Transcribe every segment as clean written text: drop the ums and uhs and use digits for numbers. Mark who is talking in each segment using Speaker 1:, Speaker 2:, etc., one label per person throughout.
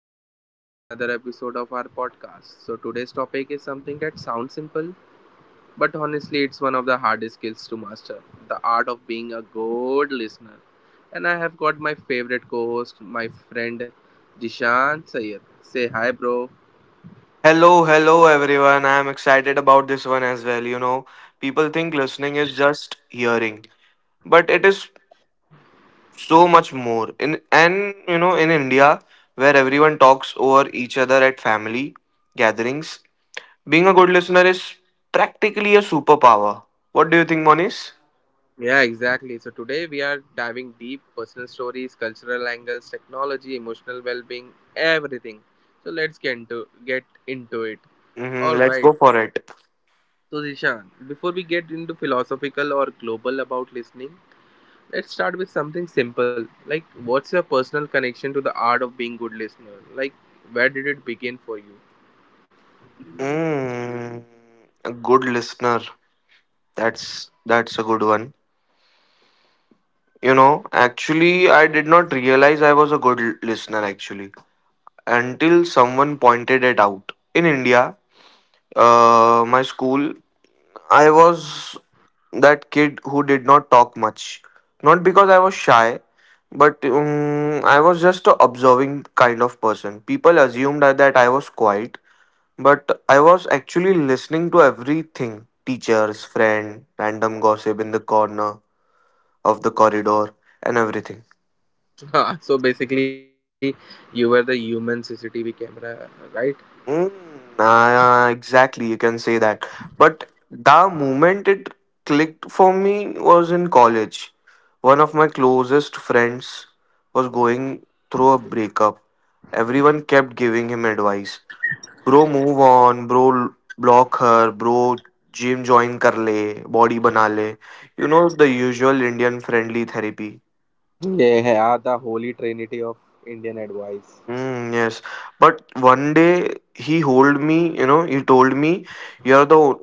Speaker 1: welcome back to another episode of our podcast. So today's topic is something that sounds simple, but honestly, it's one of the hardest skills to master the art of being a good listener. And I have got my favorite co host, my friend Jishan Sayed. Say hi, bro.
Speaker 2: Hello, hello everyone. I am excited about this one as well. You know, people think listening is just hearing, but it is so much more. In and you know, in India, where everyone talks over each other at family gatherings, being a good listener is practically a superpower. What do you think, Monis?
Speaker 1: Yeah, exactly. So today we are diving deep personal stories, cultural angles, technology, emotional well being, everything. So let's get into it.
Speaker 2: Mm-hmm,
Speaker 1: All
Speaker 2: let's
Speaker 1: right.
Speaker 2: go for it.
Speaker 1: So, Zishan, before we get into philosophical or global about listening, let's start with something simple. Like, what's your personal connection to the art of being good listener? Like, where did it begin for you?
Speaker 2: Mm, a good listener. That's that's a good one. You know, actually, I did not realize I was a good listener actually until someone pointed it out. In India, my school, I was that kid who did not talk much. Not because I was shy, but I was just a observing kind of person. People assumed that I was quiet, but I was actually listening to everything, teachers, friend, random gossip in the corner of the corridor, and everything.
Speaker 1: So basically, you were the human CCTV camera, right?
Speaker 2: Mm, exactly, you can say that. But the moment it clicked for me was in college. One of my closest friends was going through a breakup. Everyone kept giving him advice. Bro, move on. Bro, block her. Bro, gym join kar le. Body bana le. You know, the usual Indian friendly therapy.
Speaker 1: Yeah, yeah, the holy trinity of Indian advice.
Speaker 2: Mm, yes. But one day he told me, you know, he told me, you're the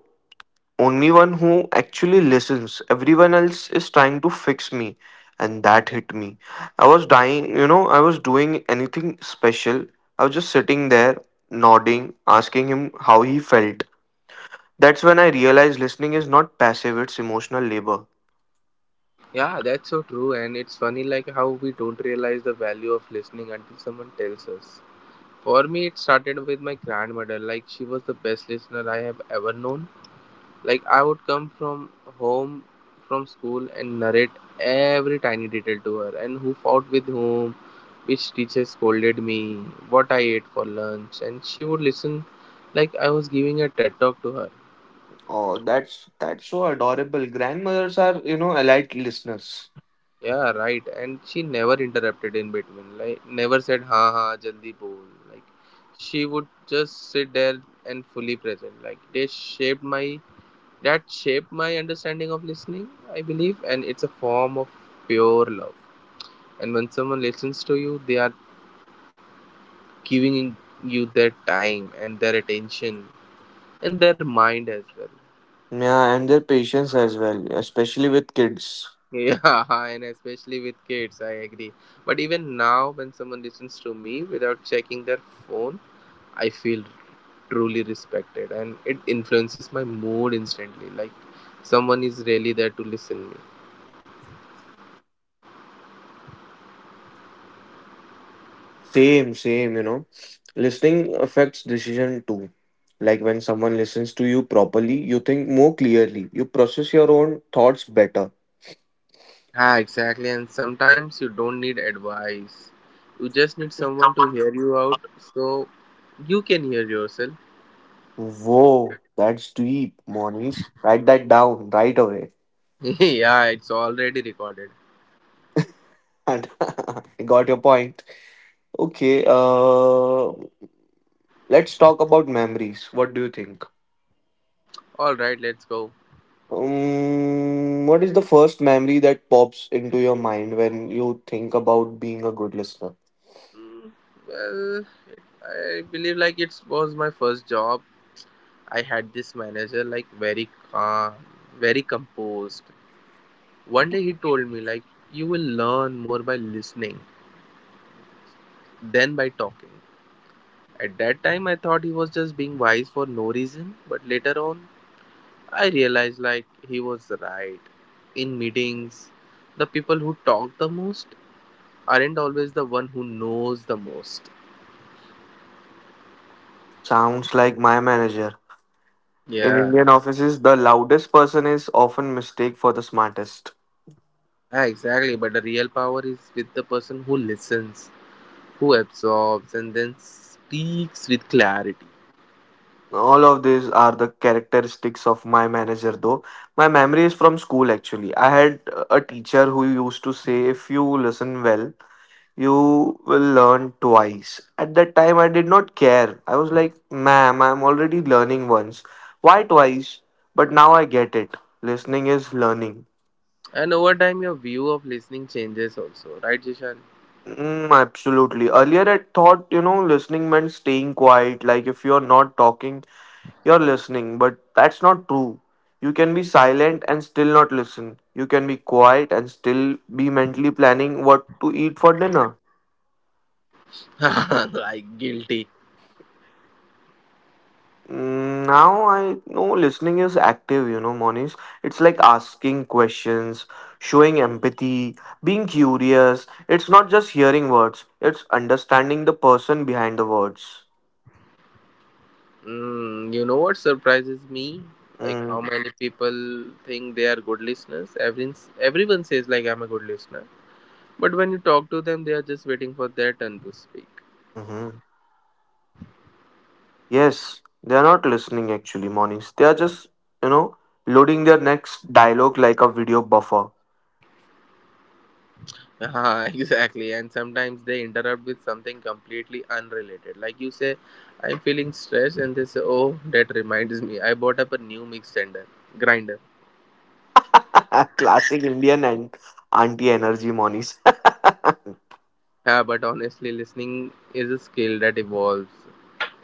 Speaker 2: only one who actually listens. Everyone else is trying to fix me, and that hit me. I was dying, you know, I was doing anything special. I was just sitting there, nodding, asking him how he felt. That's when I realized listening is not passive, it's emotional labor.
Speaker 1: Yeah, that's so true, and it's funny like how we don't realize the value of listening until someone tells us. For me, it started with my grandmother. Like, she was the best listener I have ever known. Like, I would come home from school and narrate every tiny detail to her, and who fought with whom, which teacher scolded me, what I ate for lunch, and she would listen like I was giving a TED talk to her.
Speaker 2: Oh, that's so adorable. Grandmothers are, you know, elite listeners.
Speaker 1: Yeah, right. And she never interrupted in between. Like, never said ha ha jaldi bol. Like, she would just sit there and fully present. Like they shaped my That shaped my understanding of listening, I believe, and it's a form of pure love. And when someone listens to you, they are giving you their time and their attention and their mind as well.
Speaker 2: Yeah, and their patience as well, especially with kids.
Speaker 1: Yeah, and especially with kids, I agree. But even now, when someone listens to me without checking their phone, I feel truly respected, and it influences my mood instantly. Like, someone is really there to listen me.
Speaker 2: Same, same, you know. Listening affects decision too. Like when someone listens to you properly, you think more clearly, you process your own thoughts better.
Speaker 1: Ah, exactly. And sometimes you don't need advice. You just need someone to hear you out so you can hear yourself.
Speaker 2: Whoa, that's deep, Monish. Write that down right away.
Speaker 1: Yeah, it's already recorded.
Speaker 2: And I got your point. Okay, let's talk about memories. What do you think?
Speaker 1: All right, let's go.
Speaker 2: What is the first memory that pops into your mind when you think about being a good listener?
Speaker 1: Mm, Well, I believe like it was my first job. I had this manager like very calm, very composed. One day he told me like you will learn more by listening than by talking. At that time I thought he was just being wise for no reason, but later on I realized like he was right. In meetings, the people who talk the most aren't always the one who knows the most.
Speaker 2: Sounds like my manager. In
Speaker 1: Yeah,
Speaker 2: Indian offices, the loudest person is often mistaken for the smartest.
Speaker 1: ah, exactly. But the real power is with the person who listens, who absorbs, and then speaks with clarity.
Speaker 2: All of these are the characteristics of my manager, though. My memory is from school actually. I had a teacher who used to say, "If you listen well, you will learn twice." At that time, I did not care. I was like, "Ma'am, I'm already learning once. Why twice?" But now I get it. Listening is learning.
Speaker 1: And over time, your view of listening changes also, right, Jishan?
Speaker 2: Mm, absolutely. Earlier, I thought, you know, listening meant staying quiet. Like, if you're not talking, you're listening, but that's not true. You can be silent and still not listen. You can be quiet and still be mentally planning what to eat for dinner.
Speaker 1: Like guilty.
Speaker 2: Now I know listening is active, you know, Monish. It's like asking questions, showing empathy, being curious. It's not just hearing words, it's understanding the person behind the words.
Speaker 1: You know what surprises me? Like, how
Speaker 2: Mm.
Speaker 1: many people think they are good listeners. Everyone says like I'm a good listener, but when you talk to them, they are just waiting for their turn to speak.
Speaker 2: Mm-hmm. Yes, they are not listening actually, Monies. They are just, you know, loading their next dialogue like a video buffer.
Speaker 1: Exactly, and sometimes they interrupt with something completely unrelated. Like, you say, I'm feeling stressed, and they say, Oh, that reminds me, I bought up a new mix tender grinder.
Speaker 2: Classic Indian and anti energy, Monies.
Speaker 1: Yeah, but honestly, listening is a skill that evolves.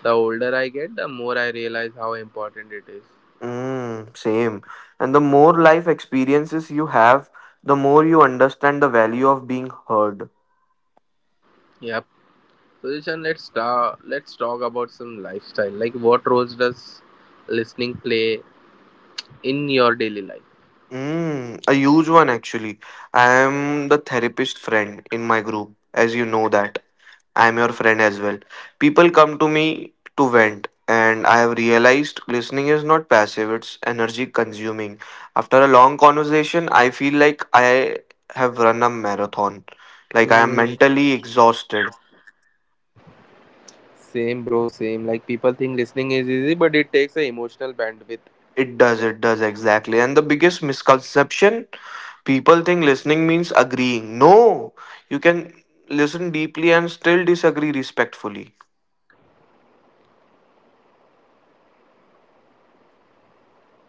Speaker 1: The older I get, the more I realize how important it is.
Speaker 2: Mm, same. And the more life experiences you have, the more you understand the value of being heard.
Speaker 1: Yep. So, Ishan, let's start. Let's talk about some lifestyle. Like, what roles does listening play in your daily life?
Speaker 2: Mm, a huge one actually. I am the therapist friend in my group, as you know that. I'm your friend as well. People come to me to vent, and I have realized listening is not passive, it's energy consuming. After a long conversation, I feel like I have run a marathon. Like I am
Speaker 1: Mm,
Speaker 2: mentally exhausted.
Speaker 1: Same, bro, same. Like, people think listening is easy, but it takes a emotional bandwidth.
Speaker 2: It does exactly. And the biggest misconception, people think listening means agreeing. No, you can listen deeply and still disagree respectfully.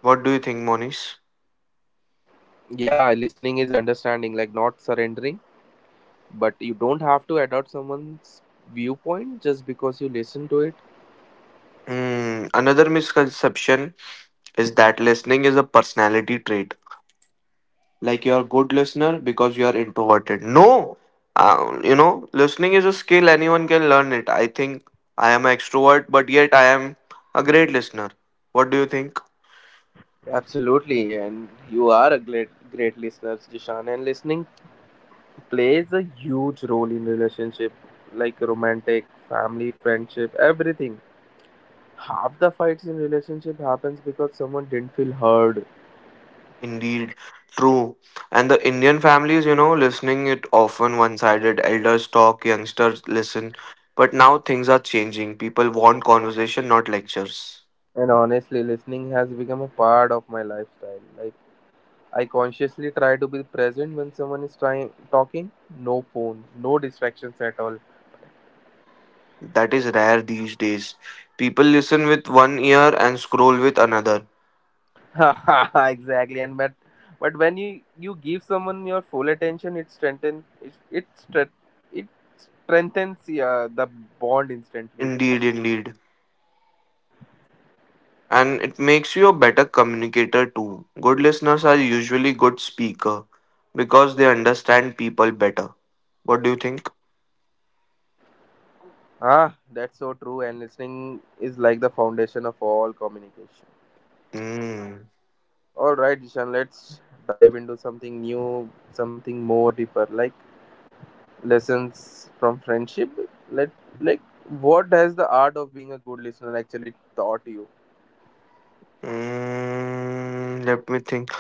Speaker 2: What do you think, Monish?
Speaker 1: Yeah, listening is understanding, like, not surrendering. But you don't have to adopt someone's viewpoint just because you listen to it.
Speaker 2: Hmm, another misconception is that listening is a personality trait. Like you're a good listener because you're introverted. No, you know, listening is a skill anyone can learn it. I think I am an extrovert, but yet I am a great listener. What do you think?
Speaker 1: Absolutely, and you are a great, great listener, Jishan. And listening plays a huge role in relationship, like romantic, family, friendship, everything. Half the fights in relationship happens because someone didn't feel heard.
Speaker 2: Indeed, true. And the Indian families, you know, listening it often one-sided. Elders talk, youngsters listen. But now things are changing. People want conversation, not lectures.
Speaker 1: And honestly, listening has become a part of my lifestyle. Like, I consciously try to be present when someone is trying talking. No phone, no distractions at all.
Speaker 2: That is rare these days. People listen with one ear and scroll with another.
Speaker 1: Exactly, and but when you give someone your full attention, it strengthens it it, stre- it strengthens the bond instantly.
Speaker 2: Indeed. And it makes you a better communicator too. Good listeners are usually good speaker because they understand people better. What do you think?
Speaker 1: Ah, that's so true. And listening is like the foundation of all communication.
Speaker 2: Mm.
Speaker 1: All right, Ishan, let's dive into something new, something more deeper. Like, lessons from friendship, let like, what has the art of being a good listener actually taught you?
Speaker 2: Mm, let me think.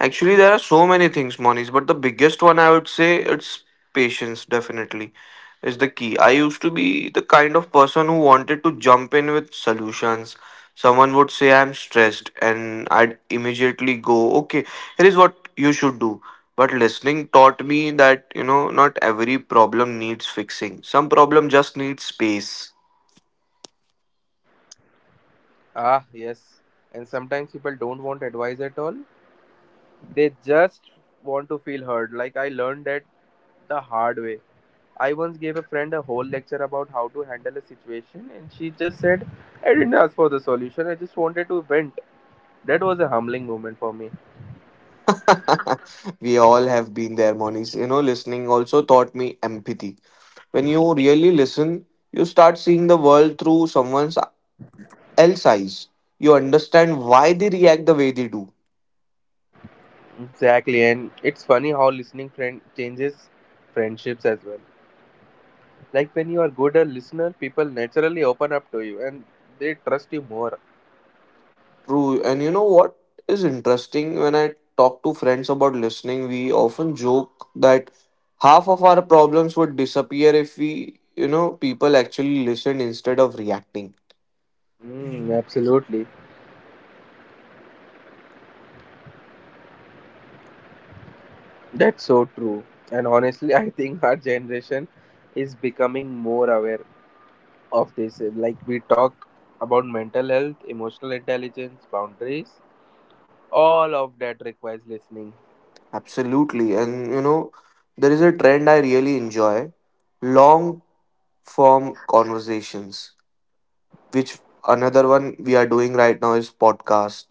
Speaker 2: Actually, there are so many things, Moniz, but the biggest one I would say it's patience, definitely. Is the key. I used to be the kind of person who wanted to jump in with solutions. Someone would say, "I'm stressed," and I'd immediately go, "Okay, here is what you should do." But listening taught me that, you know, not every problem needs fixing, some problem just needs space.
Speaker 1: Ah, yes. And sometimes people don't want advice at all. They just want to feel heard. Like, I learned that the hard way. I once gave a friend a whole lecture about how to handle a situation, and she just said, I didn't ask for the solution, I just wanted to vent. That was a humbling moment for me.
Speaker 2: We all have been there, Monies. You know, listening also taught me empathy, when you really listen you start seeing the world through someone's else eyes. You understand why they react the way they do.
Speaker 1: Exactly, and it's funny how listening friend changes friendships as well. Like, when you are good a listener, people naturally open up to you, and they trust you more.
Speaker 2: True. And you know what is interesting, when I talk to friends about listening, we often joke that half of our problems would disappear if we, you know, people actually listen instead of reacting.
Speaker 1: Mm, absolutely. That's so true. And honestly, I think our generation is becoming more aware of this. Like, we talk about mental health, emotional intelligence, boundaries, all of that requires listening.
Speaker 2: Absolutely. And you know, there is a trend I really enjoy, long form conversations, which another one we are doing right now is podcast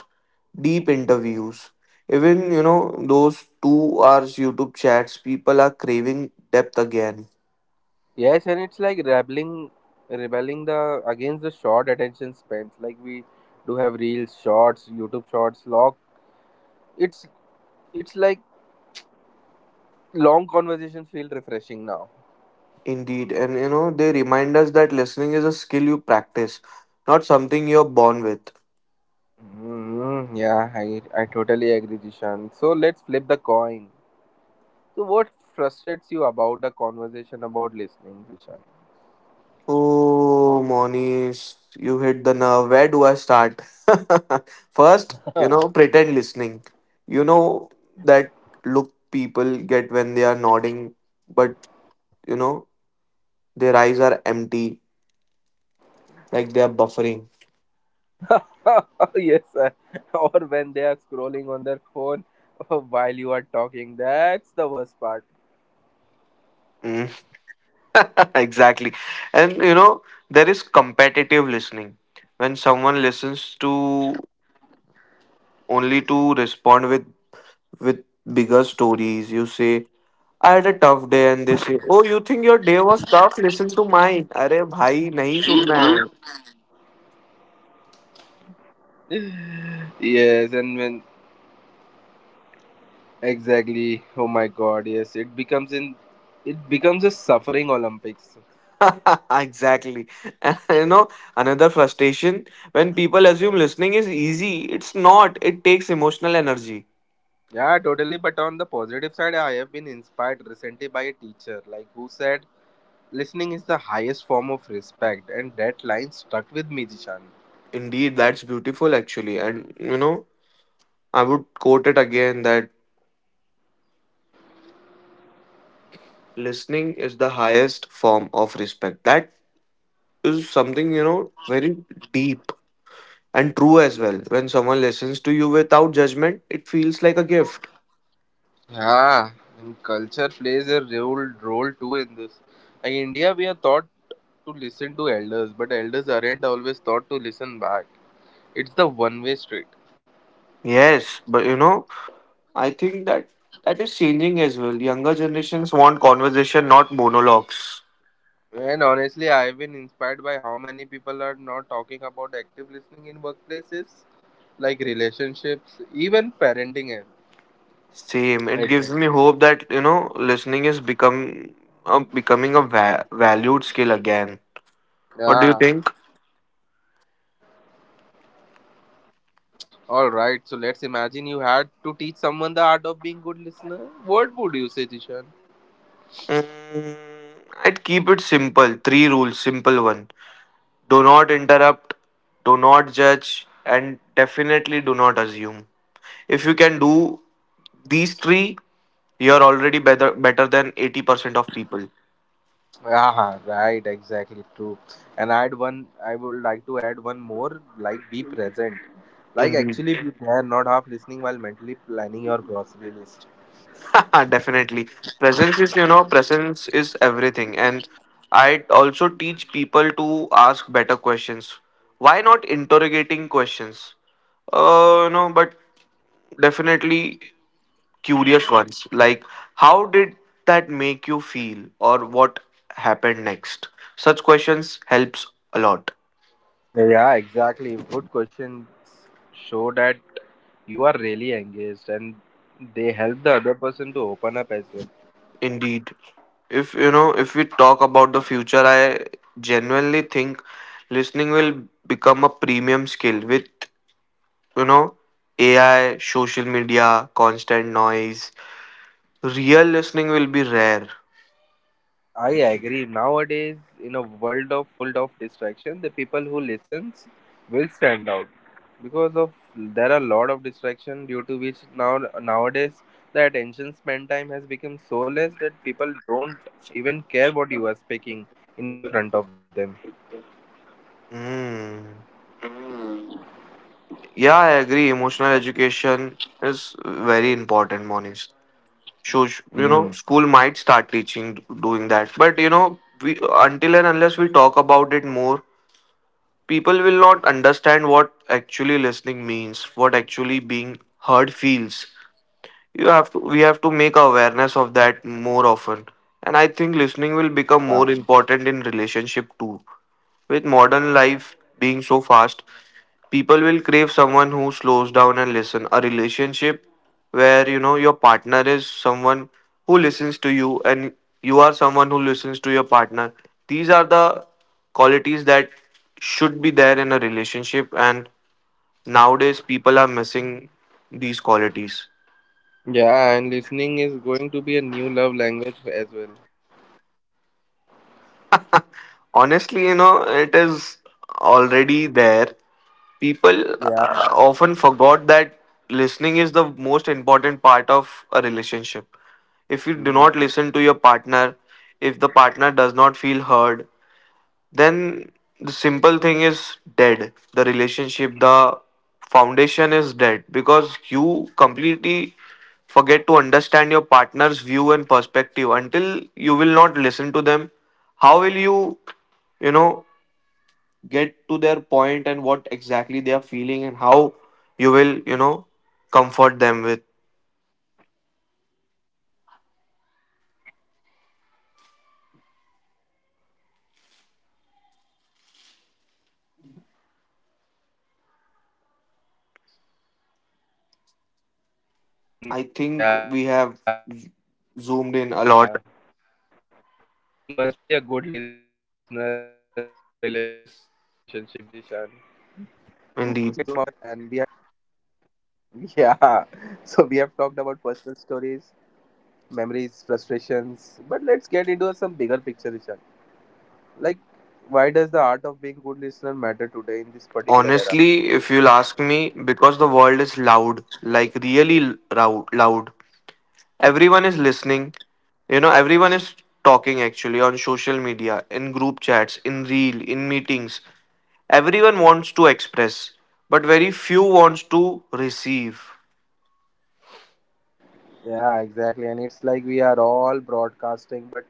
Speaker 2: deep interviews. Even, you know, those 2 hours YouTube chats, people are craving depth again.
Speaker 1: Yes, and it's like rebelling the against the short attention spans. Like, we do have reels, shorts, YouTube shorts, log. It's it's like long conversations feel refreshing now.
Speaker 2: Indeed. And, you know, they remind us that listening is a skill you practice, not something you're born with.
Speaker 1: Mm, yeah, I totally agree, Jishan. So let's flip the coin. So, what frustrates you about the conversation about listening, Jishan?
Speaker 2: Oh, Monish, you hit the nerve. Where do I start? First, you
Speaker 1: Huh.
Speaker 2: know, pretend listening. You know that look people get when they are nodding, but, you know, their eyes are empty, like they are buffering.
Speaker 1: Yes, sir. Or when they are scrolling on their phone while you are talking. That's the worst part.
Speaker 2: Mm. Exactly. And you know, there is competitive listening. When someone listens to only to respond with bigger stories, you say, "I had a tough day" and they say, "Oh, you think your day was tough? Listen to mine." अरे भाई नहीं सुनना है.
Speaker 1: Yes, and when exactly, oh my god, yes, it becomes a suffering Olympics.
Speaker 2: Exactly. And, you know, another frustration, when people assume listening is easy, it's not. It takes emotional energy.
Speaker 1: Yeah, totally. But on the positive side, I have been inspired recently by a teacher, like, who said, "Listening is the highest form of respect," and that line stuck with me, Jishan.
Speaker 2: Indeed, that's beautiful actually. And you know, I would quote it again that "Listening is the highest form of respect." That is something, you know, very deep and true as well. When someone listens to you without judgment, it feels like a gift.
Speaker 1: Yeah, and culture plays a role too in this. Like, India, we are taught to listen to elders, but elders aren't always taught to listen back. It's the one-way street.
Speaker 2: Yes, but you know, I think that is changing as well. Younger generations want conversation, not monologues.
Speaker 1: And honestly, I've been inspired by how many people are not talking about active listening in workplaces, like relationships, even parenting.
Speaker 2: Same. It gives me
Speaker 1: Exactly.
Speaker 2: hope that, you know, listening is become becoming a valued skill again. What do you
Speaker 1: Yeah,
Speaker 2: think?
Speaker 1: all right, so let's imagine you had to teach someone the art of being good listener. What would you say, Tishan?
Speaker 2: Mm, I'd keep it simple. Three rules, simple one. Do not interrupt, do not judge, and definitely do not assume. If you can do these three, you're already better than 80% of people.
Speaker 1: Ah, right, exactly true. And I would like to add one more, like, be present, like,
Speaker 2: Indeed.
Speaker 1: actually be there, not half listening while mentally planning your grocery list.
Speaker 2: Definitely. Presence is everything. And I also teach people to ask better questions. Why not interrogating questions? No, but definitely curious ones, like how did that make you feel or what happened next, such questions helps a lot.
Speaker 1: Yeah, exactly. Good questions show that you are really engaged, and they help the other person to open up as well.
Speaker 2: Indeed, if you know, if we talk about the future, I genuinely think listening will become a premium skill. With, you know, AI, social media, constant noise, real listening will be rare.
Speaker 1: I agree. Nowadays, in a world of full of distraction, the people who listens will stand out because of there are a lot of distraction due to which nowadays the attention span time has become so less that people don't even care what you are speaking in front of them.
Speaker 2: Mm. Yeah, I agree, emotional education is very important, Monish. So you
Speaker 1: Mm.
Speaker 2: know, school might start teaching doing that, but you know, we until and unless we talk about it more, people will not understand what actually listening means, what actually being heard feels. You have to we have to make awareness of that more often. And I think listening will become more
Speaker 1: Ah.
Speaker 2: important in relationship too, with modern life being so fast, people will crave someone who slows down and listen. A relationship where, you know, your partner is someone who listens to you and you are someone who listens to your partner, these are the qualities that should be there in a relationship, and nowadays people are missing these qualities.
Speaker 1: Yeah, and listening is going to be a new love language as well.
Speaker 2: Honestly, you know, it is already there. People
Speaker 1: Yeah.
Speaker 2: often forgot that listening is the most important part of a relationship. If you do
Speaker 1: Mm.
Speaker 2: not listen to your partner, if the partner does not feel heard, then the simple thing is dead, the relationship, the foundation is dead, because you completely forget to understand your partner's view and perspective. Until you will not listen to them, how will you, you know, get to their point and what exactly they are feeling and how you will, you know, comfort them with.
Speaker 1: Yeah. You must be a good listener in your relationship, Jishan.
Speaker 2: I think we have zoomed in
Speaker 1: So,
Speaker 2: a
Speaker 1: all
Speaker 2: lot.
Speaker 1: right, let's zoom out a bit, and we have talked about the some, yeah.
Speaker 2: Indeed.
Speaker 1: So we have talked about personal stories, memories, frustrations, but let's get into some bigger picture, Richard. Like, why does the art of being good listener matter today in this particular era?
Speaker 2: Honestly, if you'll ask me, because the world is loud, like really loud. Everyone is listening. You know, everyone is talking actually, on social media, in group chats, in reel, in meetings. Everyone wants to express, but very few wants to receive.
Speaker 1: Yeah, exactly, and it's like we are all broadcasting, but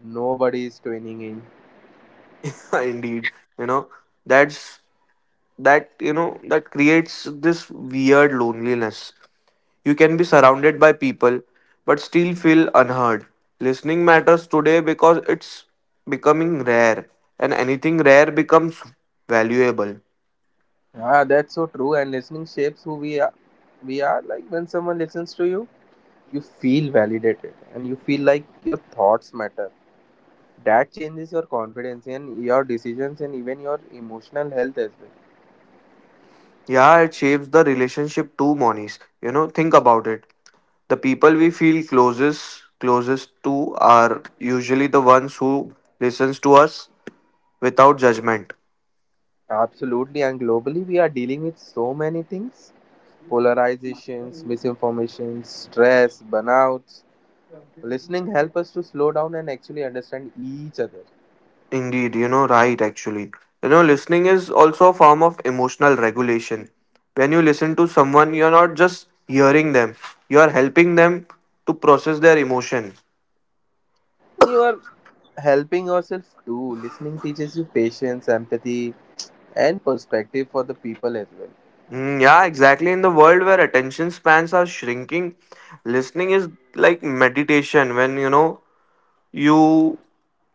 Speaker 1: nobody is tuning in.
Speaker 2: Indeed, you know, that's that creates this weird loneliness. You can be surrounded by people but still feel unheard. Listening matters today because it's becoming rare and anything rare becomes valuable.
Speaker 1: Ah, that's so true. And listening shapes who we are. We are, like, when someone listens to you, you feel validated, and you feel like your thoughts matter. That changes your confidence and your decisions and even your emotional health as well.
Speaker 2: Yeah, it shapes the relationship too, Monies. Think about it. The people we feel closest to are usually the ones who listens to us without judgment.
Speaker 1: Absolutely, and globally, we are dealing with so many things, polarizations, misinformation, stress, burnouts. Listening help us to slow down and actually understand each other.
Speaker 2: Indeed, right, actually. Listening is also a form of emotional regulation. When you listen to someone, you're not just hearing them, you're helping them to process their emotion.
Speaker 1: You are helping yourself too. Listening teaches you patience, empathy, and perspective for the people as well.
Speaker 2: Mm, yeah, exactly. In the world where attention spans are shrinking, listening is like meditation when, you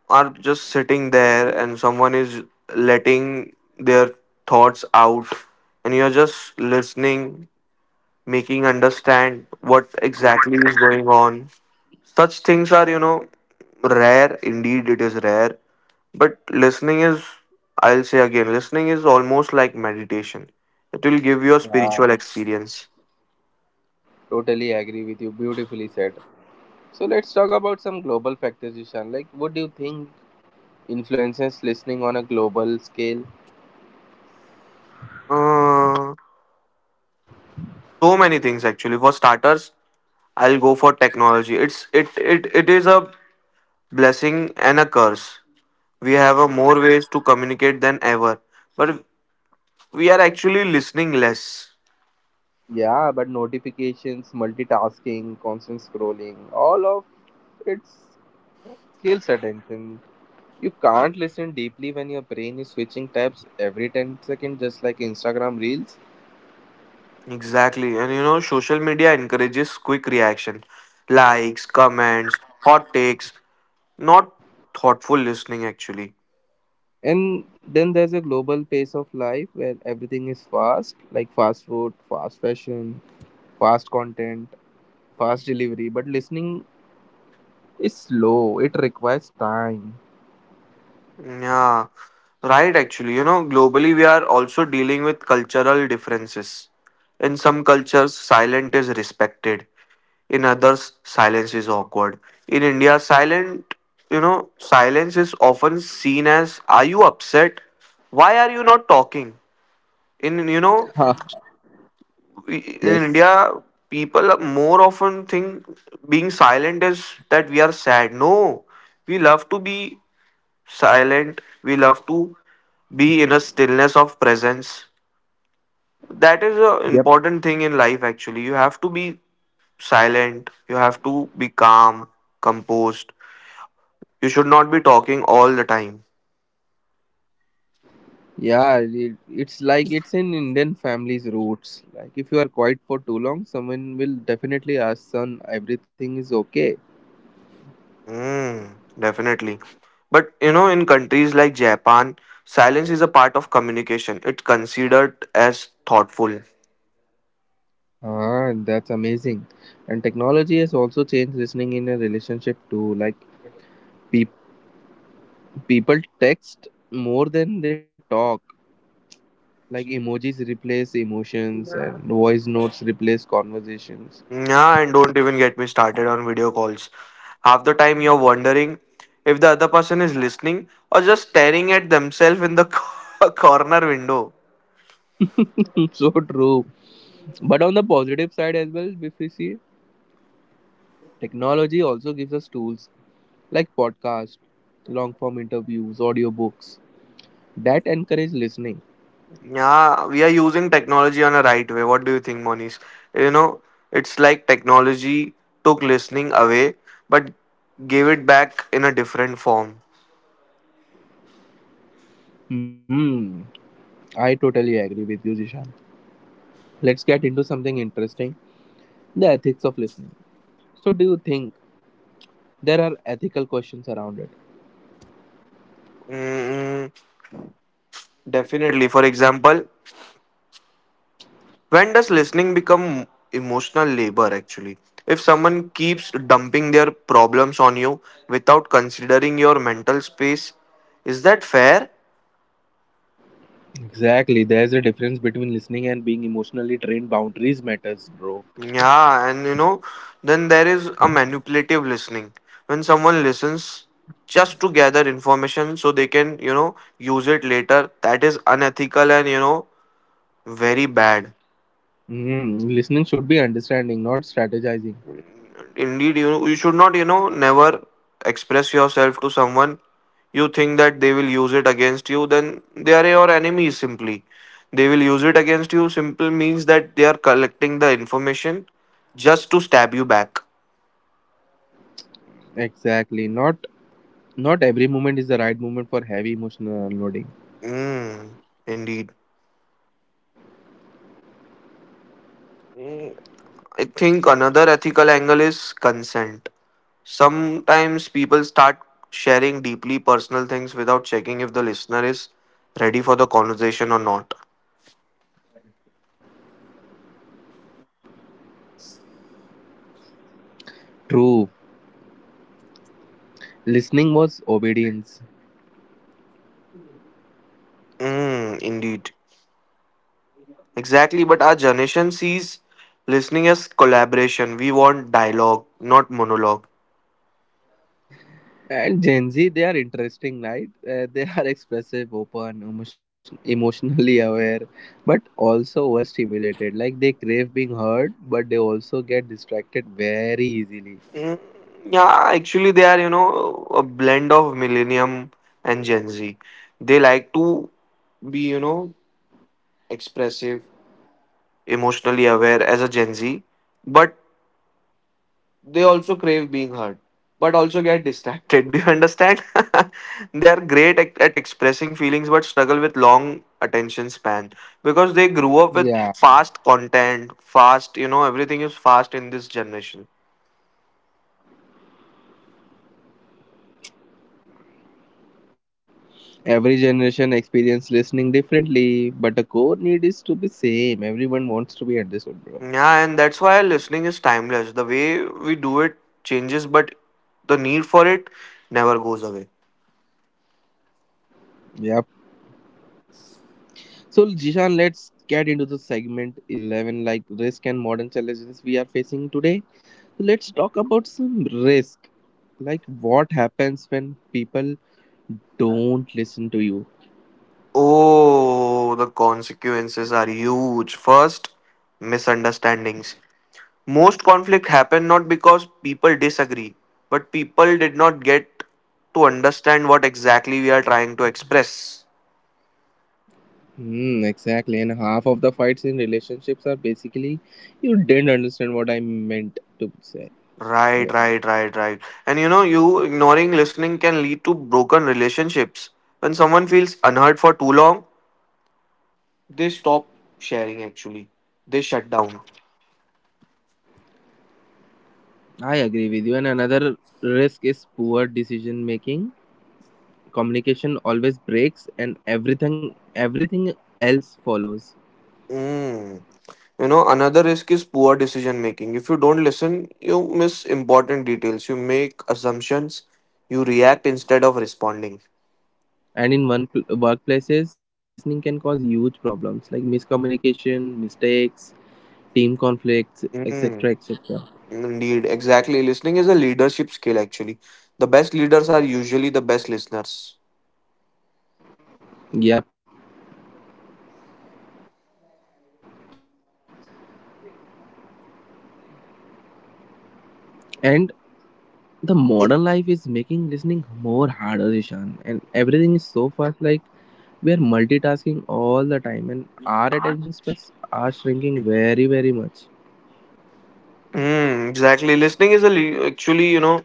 Speaker 2: are just sitting there and someone is letting their thoughts out and you're just listening making understand what exactly is going on. Such things are, rare. Indeed, it is rare. But listening is, I'll say again, listening is almost like meditation. It will give you a
Speaker 1: Yeah,
Speaker 2: spiritual experience.
Speaker 1: totally agree with you. Beautifully said. So let's talk about some global factors, Ishan. Like, what do you think influences listening on a global scale?
Speaker 2: Uh, so many things actually. For starters, I'll go for technology. It's it it it is a blessing and a curse. We have a more ways to communicate than ever, but we are actually listening less.
Speaker 1: Yeah, but notifications, multitasking, constant scrolling, all of it kills attention. You can't listen deeply when your brain is switching tabs every 10 seconds, just like Instagram Reels.
Speaker 2: Exactly. And social media encourages quick reaction, likes, comments, hot takes, not thoughtful listening, actually.
Speaker 1: And then there's a global pace of life where everything is fast, like fast food, fast fashion, fast content, fast delivery, but listening is slow, it requires time.
Speaker 2: Yeah, right, actually. Globally, we are also dealing with cultural differences. In some cultures, silent is respected, in others, silence is awkward. In India, silence is often seen as, "Are you upset? Why are you not talking?" In, you know,
Speaker 1: Huh.
Speaker 2: in
Speaker 1: Yes.
Speaker 2: India, people more often think being silent is that we are sad. No, we love to be silent. We love to be in a stillness of presence. That is an
Speaker 1: Yep.
Speaker 2: important thing in life, actually. You have to be silent. You have to be calm, composed. You should not be talking all the time.
Speaker 1: Yeah, it's like it's in Indian families' roots. Like, if you are quiet for too long, someone will definitely ask, "Son, everything is okay."
Speaker 2: Hmm. Definitely. But in countries like Japan, silence is a part of communication. It's considered as thoughtful.
Speaker 1: Ah, that's amazing. And technology has also changed listening in a relationship too. Like, peop people text more than they talk. Like, emojis replace emotions and voice notes replace conversations.
Speaker 2: Yeah, and don't even get me started on video calls. Half the time you're wondering if the other person is listening or just staring at themselves in the corner window.
Speaker 1: So true. But on the positive side as well, if we see, technology also gives us tools like podcasts, long form interviews, audiobooks that encourage listening.
Speaker 2: Yeah, we are using technology on a right way. What do you think, Monish? You know, it's like technology took listening away but gave it back in a different form.
Speaker 1: Hmm, I totally agree with you, Jishan. Let's get into something interesting, the ethics of listening. So, do you think there are ethical questions around it?
Speaker 2: Mm, definitely. For example, when does listening become emotional labor actually? If someone keeps dumping their problems on you without considering your mental space, is that fair?
Speaker 1: Exactly, there's a difference between listening and being emotionally trained. Boundaries matters, bro.
Speaker 2: Yeah, and then there is a manipulative listening. When someone listens just to gather information so they can use it later, that is unethical and very bad.
Speaker 1: Hmm, listening should be understanding, not strategizing.
Speaker 2: Indeed, you should not never express yourself to someone you think that they will use it against you. Then they are your enemies, simply. They will use it against you. Simple means that they are collecting the information just to stab you back.
Speaker 1: Exactly, not every moment is the right moment for heavy emotional unloading.
Speaker 2: Mm, indeed. Mm, I think another ethical angle is consent. Sometimes people start sharing deeply personal things without checking if the listener is ready for the conversation or not.
Speaker 1: True. Listening was obedience.
Speaker 2: Mm, indeed. Exactly, but our generation sees listening as collaboration. We want dialogue, not monologue.
Speaker 1: And Gen Z, they are interesting, right? They are expressive, open, emotionally aware, but also overstimulated. Like, they crave being heard, but they also get distracted very easily.
Speaker 2: Mm, yeah, actually, they are, a blend of Millennium and Gen Z. They like to be, expressive, emotionally aware as a Gen Z, but they also crave being heard but also get distracted. Do you understand? They are great at expressing feelings but struggle with long attention span because they grew up with
Speaker 1: Yeah.
Speaker 2: fast content fast, everything is fast in this generation.
Speaker 1: Every generation experience listening differently, but the core need is to be same. Everyone wants to be understood, bro.
Speaker 2: Yeah, and that's why listening is timeless. The way we do it changes, but the need for it never goes away.
Speaker 1: Yep. So Jishan, let's get into the segment 11, like, risk and modern challenges we are facing today. So let's talk about some risk. Like, what happens when people don't listen to you?
Speaker 2: Oh, the consequences are huge. First, misunderstandings. Most conflict happen not because people disagree, but people did not get to understand what exactly we are trying to express.
Speaker 1: Hmm, exactly. And half of the fights in relationships are basically you didn't understand what I meant to say.
Speaker 2: Right, right, right, right. And you ignoring listening can lead to broken relationships. When someone feels unheard for too long, they stop sharing actually. They shut down.
Speaker 1: I agree with you. And another risk is poor decision making. Communication always breaks, and everything else follows.
Speaker 2: Mm. Another risk is poor decision making. If you don't listen, you miss important details. You make assumptions. You react instead of responding.
Speaker 1: And in workplaces, not listening can cause huge problems like miscommunication, mistakes, team conflicts,
Speaker 2: Mm,
Speaker 1: etc., etc.
Speaker 2: indeed, exactly. Listening is a leadership skill, actually. The best leaders are usually the best listeners.
Speaker 1: Yep. And the modern life is making
Speaker 2: Ex-
Speaker 1: listening more harder, Ishan, and everything is so fast. Like, we are multitasking all the time, and our attention spans are shrinking very, very much.
Speaker 2: Mm, exactly. Listening is actually,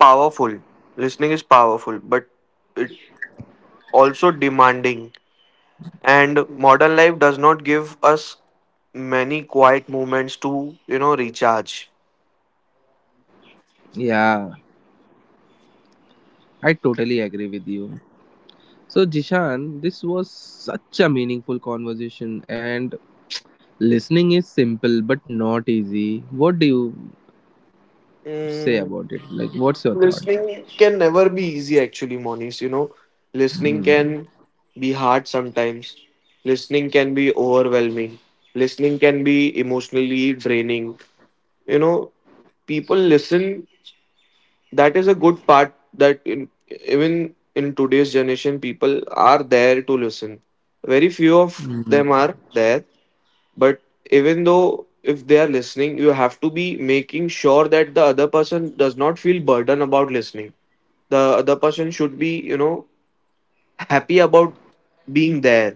Speaker 2: powerful. Listening is powerful, but it also demanding. And modern life does not give us many quiet moments to, recharge.
Speaker 1: Yeah, I totally agree with you. So Jishan, this was such a meaningful conversation, and listening is simple but not easy. What do you
Speaker 2: Mm,
Speaker 1: say about it? Like, what's your thought?
Speaker 2: listening can never be easy actually, Monis. Listening can
Speaker 1: Hmm.
Speaker 2: be hard sometimes. Listening can be overwhelming. Listening can be emotionally draining. you know People listen, that is a good part, even in today's generation people are there to listen. Very few of them
Speaker 1: Hmm.
Speaker 2: are there, but even though if they are listening you have to be making sure that the other person does not feel burdened about listening. The other person should be, happy about being there.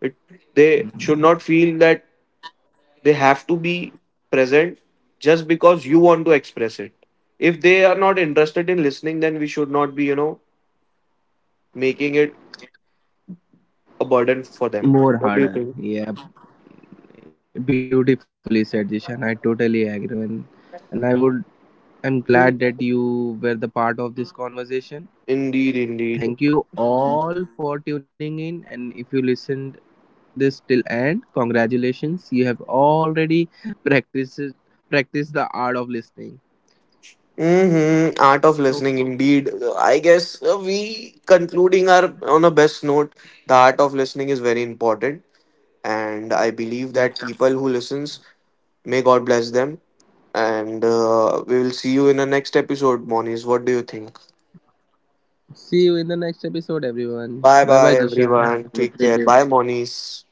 Speaker 2: it, they should not feel that they have to be present just because you want to express it. If they are not interested in listening, then we should not be, making it a burden for them. What do
Speaker 1: More
Speaker 2: you think?
Speaker 1: harder, yeah. Beautifully said, Jishan. I totally agree, and I would. I'm glad that you were the part of this conversation.
Speaker 2: Indeed, indeed.
Speaker 1: Thank you all for tuning in, and if you listened this till end, congratulations! You have already practiced practiced the art of listening.
Speaker 2: Mm-hmm. Art of
Speaker 1: So,
Speaker 2: listening, indeed. I guess we concluding our on a best note. The art of listening is very important, and I believe
Speaker 1: yep.
Speaker 2: that people who listens may God bless them. And we will see you in the next episode, Monis. What do you think?
Speaker 1: See you in the next episode, everyone.
Speaker 2: Bye,
Speaker 1: Bye, bye,
Speaker 2: bye,
Speaker 1: Jishan.
Speaker 2: everyone.
Speaker 1: Have a
Speaker 2: Take
Speaker 1: great
Speaker 2: care.
Speaker 1: day.
Speaker 2: Bye, Monis.